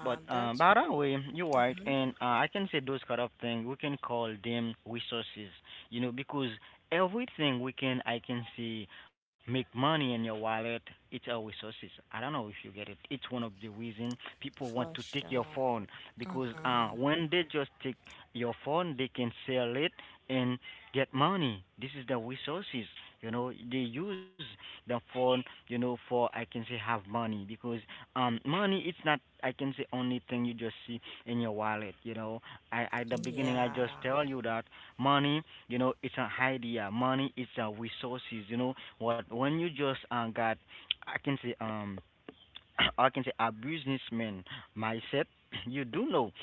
But uh, that's by the way, you're right, and uh, I can say those kind of things we can call them resources, you know, because everything we can I can see make money in your wallet, it's our resources. I don't know if you get it. It's one of the reason people want for to take your sure. phone, because uh, Hmm. when they just take your phone, they can sell it and get money. This is the resources, you know. They use the phone, you know, for I can say have money, because um money it's not I can say only thing you just see in your wallet, you know. I at the beginning, I just Yeah. tell you that money, you know, it's an idea. Money, it's a resources. You know what, when you just uh, got I can say um or I can say a businessman mindset, you do know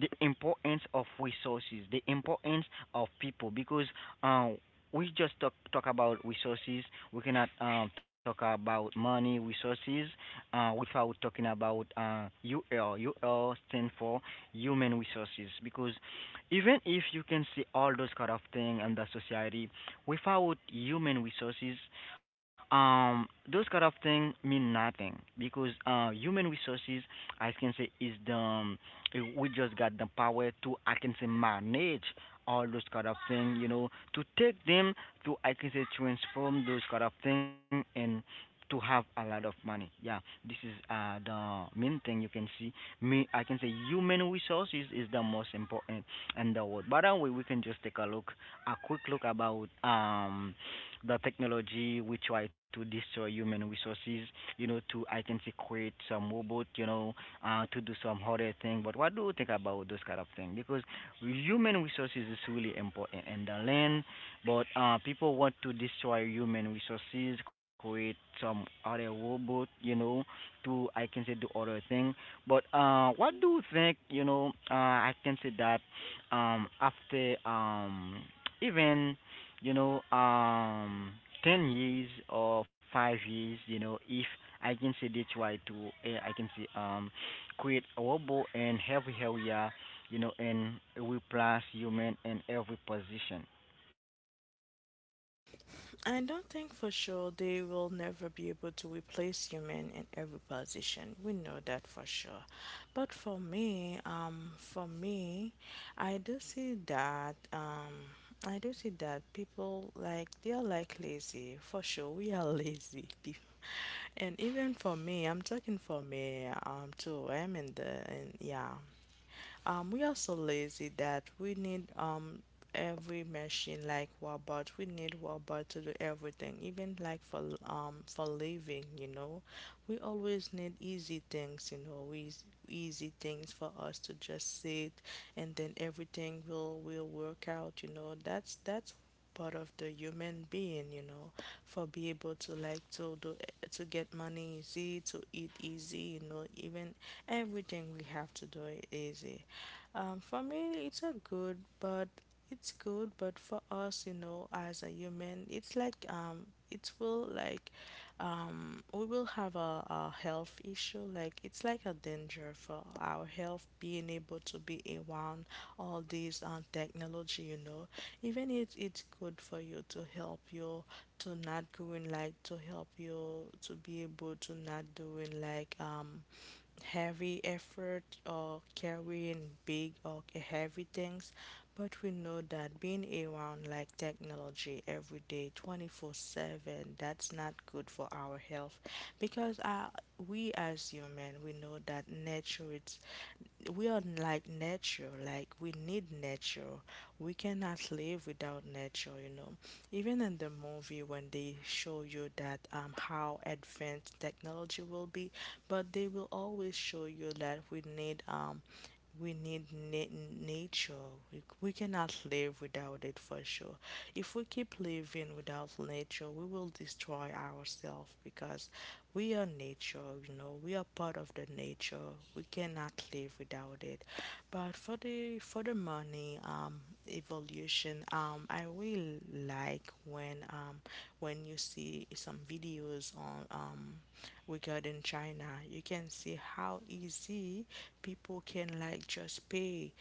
the importance of resources, the importance of people, because uh we just talk talk about resources. We cannot um, talk about money resources uh, without talking about uh, U L. U L stands for human resources, because even if you can see all those kind of things in the society, without human resources, um those kind of things mean nothing, because uh human resources I can say is the um, eh, we just got the power to I can say manage all those kind of things, you know, to take them, to I can say transform those kind of thing and to have a lot of money. Yeah, this is uh the main thing you can see. Me, I can say human resources is the most important in the world. By the way, we can just take a look, a quick look about um the technology. We try to destroy human resources, you know, to I can say create some robot, you know, uh, to do some other thing. But what do you think about those kind of things? Because human resources is really important in the land, but uh, people want to destroy human resources, create some other robot, you know, to I can say do other thing. But uh, what do you think, you know, uh, I can say that um, after um, even, you know, um, ten years or five years, you know, if I can say they try to, eh, I can say, um, create a robot in every area, you know, and replace human in every position. I don't think for sure they will never be able to replace human in every position. We know that for sure. But for me, um, for me, I do see that, um, I do see that people like they are like lazy. For sure, we are lazy people. And even for me, I'm talking for me um too. I'm in the in, yeah. Um, we are so lazy that we need um every machine like robot. We need robot to do everything, even like for l- um for living. You know, we always need easy things. You know, we easy things for us to just sit, and then everything will will work out. You know, that's that's part of the human being, you know, for be able to like to do, to get money easy, to eat easy, you know, even everything we have to do it easy. Um, for me, it's a good, but it's good, but for us, you know, as a human, it's like um, it will like um, we will have a, a health issue. Like it's like a danger for our health being able to be around all these um, technology. You know, even if it's good for you to help you to not going like to help you to be able to not doing like um heavy effort or carrying big or heavy things, but we know that being around like technology every day, twenty-four seven, that's not good for our health because uh, we as human, we know that nature it's we are like nature like we need nature. We cannot live without nature, you know. Even in the movie when they show you that um how advanced technology will be, but they will always show you that we need um we need na- nature. We, we cannot live without it for sure. If we keep living without nature, we will destroy ourselves because we are nature, you know, we are part of the nature. We cannot live without it. But for the for the money um evolution, um I really like when um when you see some videos on um regarding China, you can see how easy people can like just pay.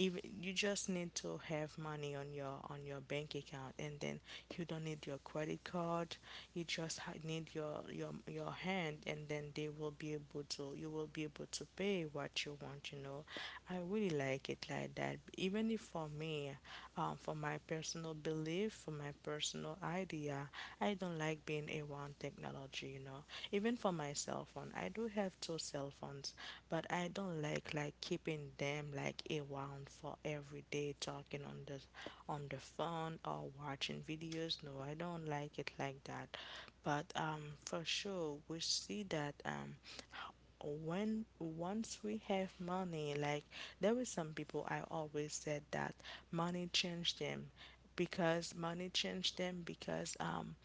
Even you just need to have money on your on your bank account, and then you don't need your credit card, you just ha- need your your your hand, and then they will be able to, you will be able to pay what you want, you know. I really like it like that, even if for me, um, for my personal belief, for my personal idea, I don't like being around technology, you know. Even for my cell phone, I do have two cell phones, but I don't like like keeping them like around for every day talking on the on the phone or watching videos. No, I don't like it like that. But um, for sure, we see that um, when once we have money, like there were some people I always said that money changed them because money changed them because um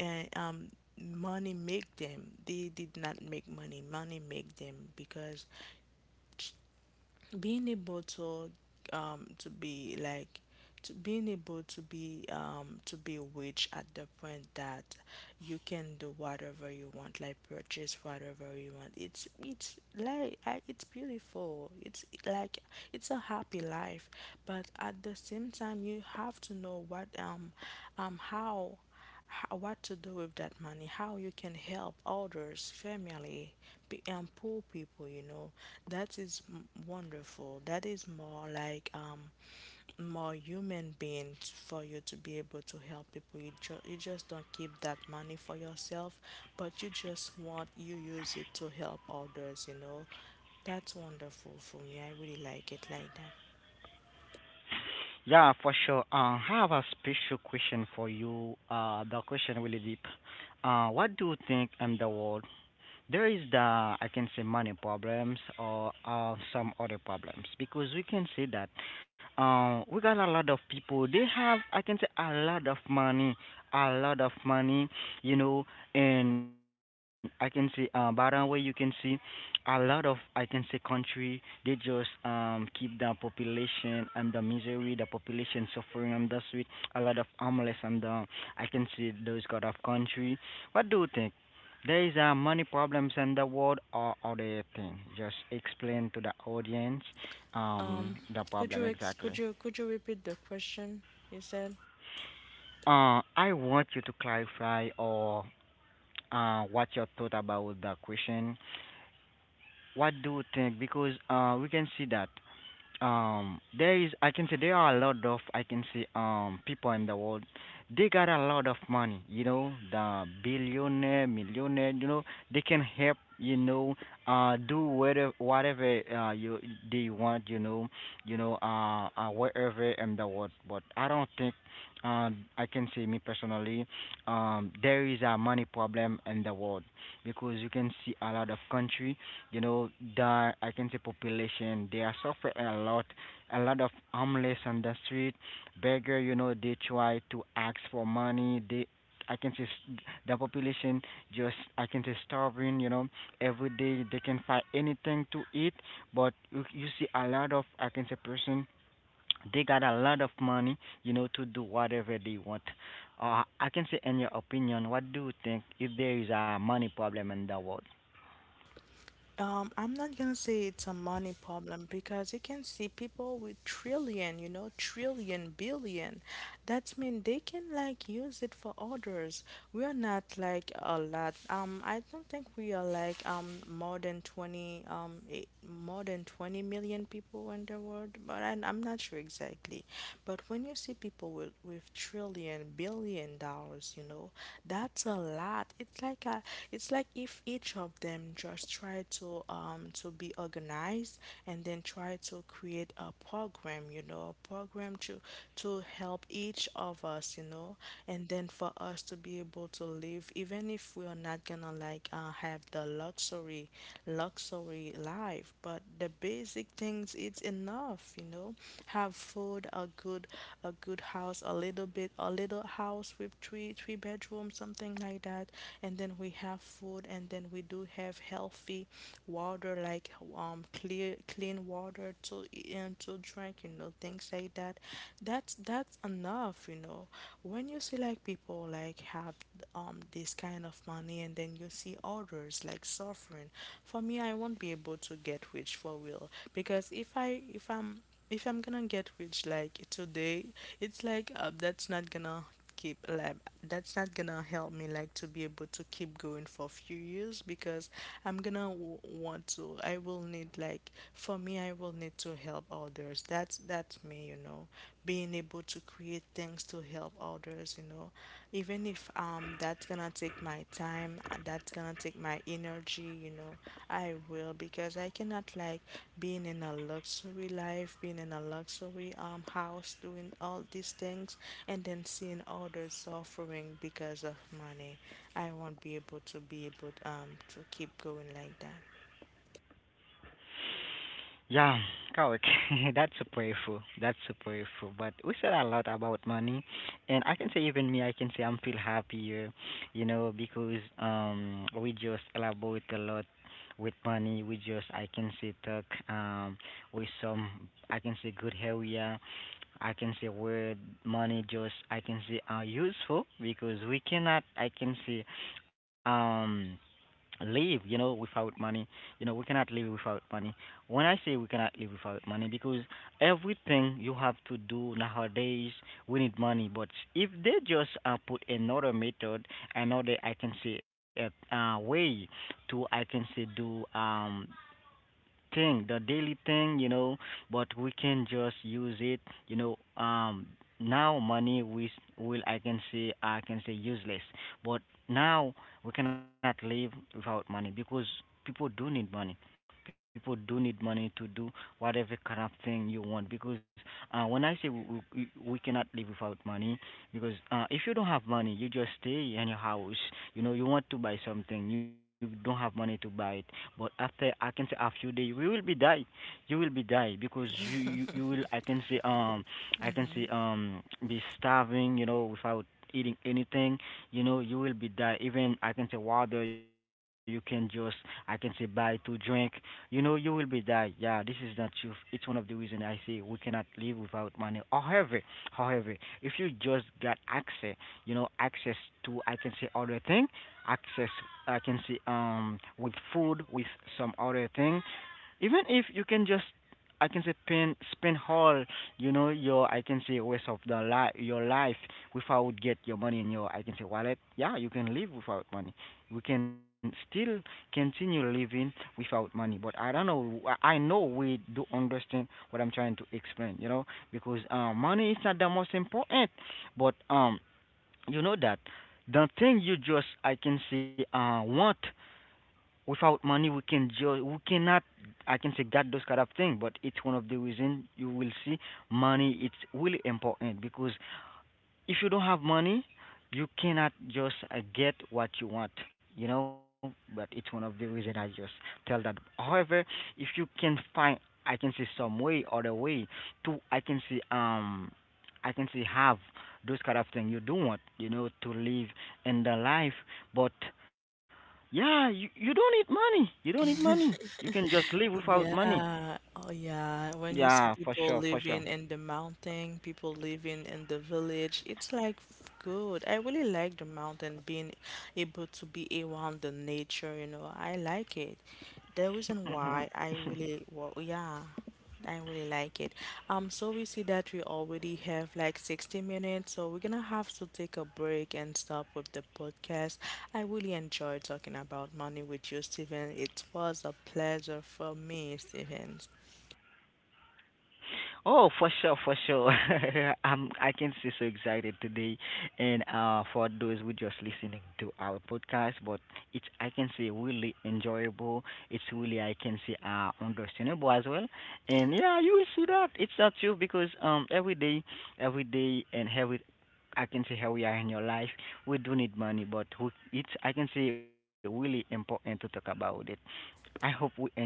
and um money make them, they did not make money, money make them because being able to um to be like to being able to be um to be rich at the point that you can do whatever you want like purchase whatever you want, it's it's like, I, it's beautiful, it's like it's a happy life. But at the same time you have to know what um um how ho- what to do with that money, how you can help others, family, pe- and poor people, you know. That is m- wonderful. That is more like um more human beings for you to be able to help people. You just you just don't keep that money for yourself, but you just want, you use it to help others, you know. That's wonderful for me. I really like it like that. Yeah, for sure. Uh, I have a special question for you. Uh, the question really deep. Uh, what do you think in the world? There is the I can say money problems or uh, some other problems, because we can see that uh, we got a lot of people. They have I can say a lot of money, a lot of money, you know. And I can see, uh, by the way, you can see a lot of I can say country. They just um keep the population and the misery, the population suffering on the street. A lot of homeless, and I can see those kind of country. What do you think? There is uh, many problems in the world or other thing. Just explain to the audience um Um the could problem you ex- could exactly. you could you repeat the question you said? Uh, I want you to clarify, or uh, what your thought about the question. What do you think? Because uh, we can see that um there is I can say there are a lot of I can say um people in the world. They got a lot of money, you know, the billionaire, millionaire, you know. They can help, you know, uh do whatever whatever uh you they want, you know. You know, uh, uh wherever in the world, but I don't think um I can say, me personally, um there is a money problem in the world, because you can see a lot of country, you know, the I can say population. They are suffering a lot, a lot of homeless on the street, beggar. You know, they try to ask for money. They, I can say, s- the population just I can say starving. You know, every day they can find anything to eat, but you, you see a lot of I can say person. They got a lot of money, you know, to do whatever they want. Uh, I can say, in your opinion, what do you think if there is a money problem in the world? Um, I'm not gonna say it's a money problem because you can see people with trillion, you know, trillion, billion. That's mean they can like use it for others. We are not like a lot. Um, I don't think we are like um more than twenty um eh, more than twenty million people people in the world, but I, I'm not sure exactly. But when you see people with, with trillion, billion dollars, you know, that's a lot. It's like a, it's like if each of them just try to um to be organized and then try to create a program, you know, a program to to help each of us, you know, and then for us to be able to live, even if we are not gonna like uh, have the luxury luxury life, but the basic things it's enough, you know. Have food, a good, a good house, a little bit a little house with three three bedrooms, something like that. And then we have food, and then we do have healthy water, like um clear clean water to e, and to drink, you know, things like that. That's that's enough, you know. When you see like people like have um this kind of money and then you see others like suffering, for me, I won't be able to get rich for real because if i if i'm if i'm gonna get rich like today, it's like uh, that's not gonna keep like that's not gonna help me like to be able to keep going for a few years because I'm gonna w- want to. I will need like for me, I will need to help others. That's that's me, you know. Being able to create things to help others, you know, even if um that's gonna take my time, uh, that's gonna take my energy, you know. I will because I cannot like being in a luxury life, being in a luxury um house, doing all these things, and then seeing others suffering because of money. I won't be able to be able um to keep going like that. Yeah, correct. That's powerful. That's powerful. But we said a lot about money, and I can say even me, I can say I'm feel happier, you know, because um we just elaborate a lot with money. We just I can say talk um with some I can say good area. I can say where money just I can say are useful, because we cannot I can say um live, you know, without money. You know, we cannot live without money. When I say we cannot live without money, because everything you have to do nowadays, we need money. But if they just uh, put another method, another I can say a uh, way to I can say do um thing, the daily thing, you know, but we can just use it, you know, um now money we will I can say I can say useless. But now we cannot live without money, because people do need money. People do need money to do whatever kind of thing you want, because uh, when I say we, we, we, cannot live without money, because uh, if you don't have money, you just stay in your house. You know, you want to buy something, you don't have money to buy it. But after I can say a few days, you will be die. You will be die because you you, you will I can say um I can say um be starving. You know, without eating anything, you know, you will be die. Even I can say water you can just I can say buy to drink, you know, you will be die. Yeah, this is not truth. It's one of the reason I say we cannot live without money. However However, if you just got access, you know, access to I can say other thing, access I can say um with food, with some other thing, even if you can just I can say pin spin whole, you know, your I can say waste of the life, your life, without get your money in your I can say wallet. Yeah, you can live without money. We can still continue living without money, but I don't know, i I know we do understand what I'm trying to explain, you know. Because uh, money is not the most important, but um you know that the thing you just I can say uh want, without money we can ju- we cannot I can say get those kind of thing. But it's one of the reason you will see money it's really important, because if you don't have money you cannot just uh, get what you want, you know. But it's one of the reason I just tell that, however, if you can find I can say some way or the way to i can say um i can say have those kind of thing you do want, you know, to live in the life. But yeah, you, you don't need money. You don't need Hmm. money. You can just live without money. Yeah, oh yeah. When you see Yeah, people for sure, for living sure. in the mountain, people living in the village, it's like f- good. I really like the mountain, being able to be around the nature, you know. I like it. The reason why I really, well, yeah. I really like it. Um, so we see that we already have like sixty minutes, so we're gonna have to take a break and stop with the podcast. I really enjoyed talking about money with you, Steven. It was a pleasure for me, Steven. Oh, for sure, for sure. I'm, I can see so excited today, and uh, for those who just listening to our podcast, but it's I can say really enjoyable. It's really I can say uh understandable as well, and yeah, you will see that it's not true, because um every day, every day, and every I can see how we are in your life. We do need money, but we, it's I can say really important to talk about it. I hope we enjoy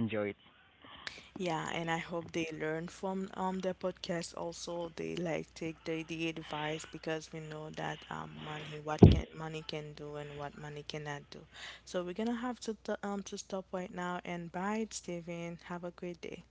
Yeah, and I hope they learn from um the podcast also. They like take the, the advice because we know that um money, what can money can do, and what money cannot do. So we're gonna have to t um to stop right now, and bye, Steven. Have a great day.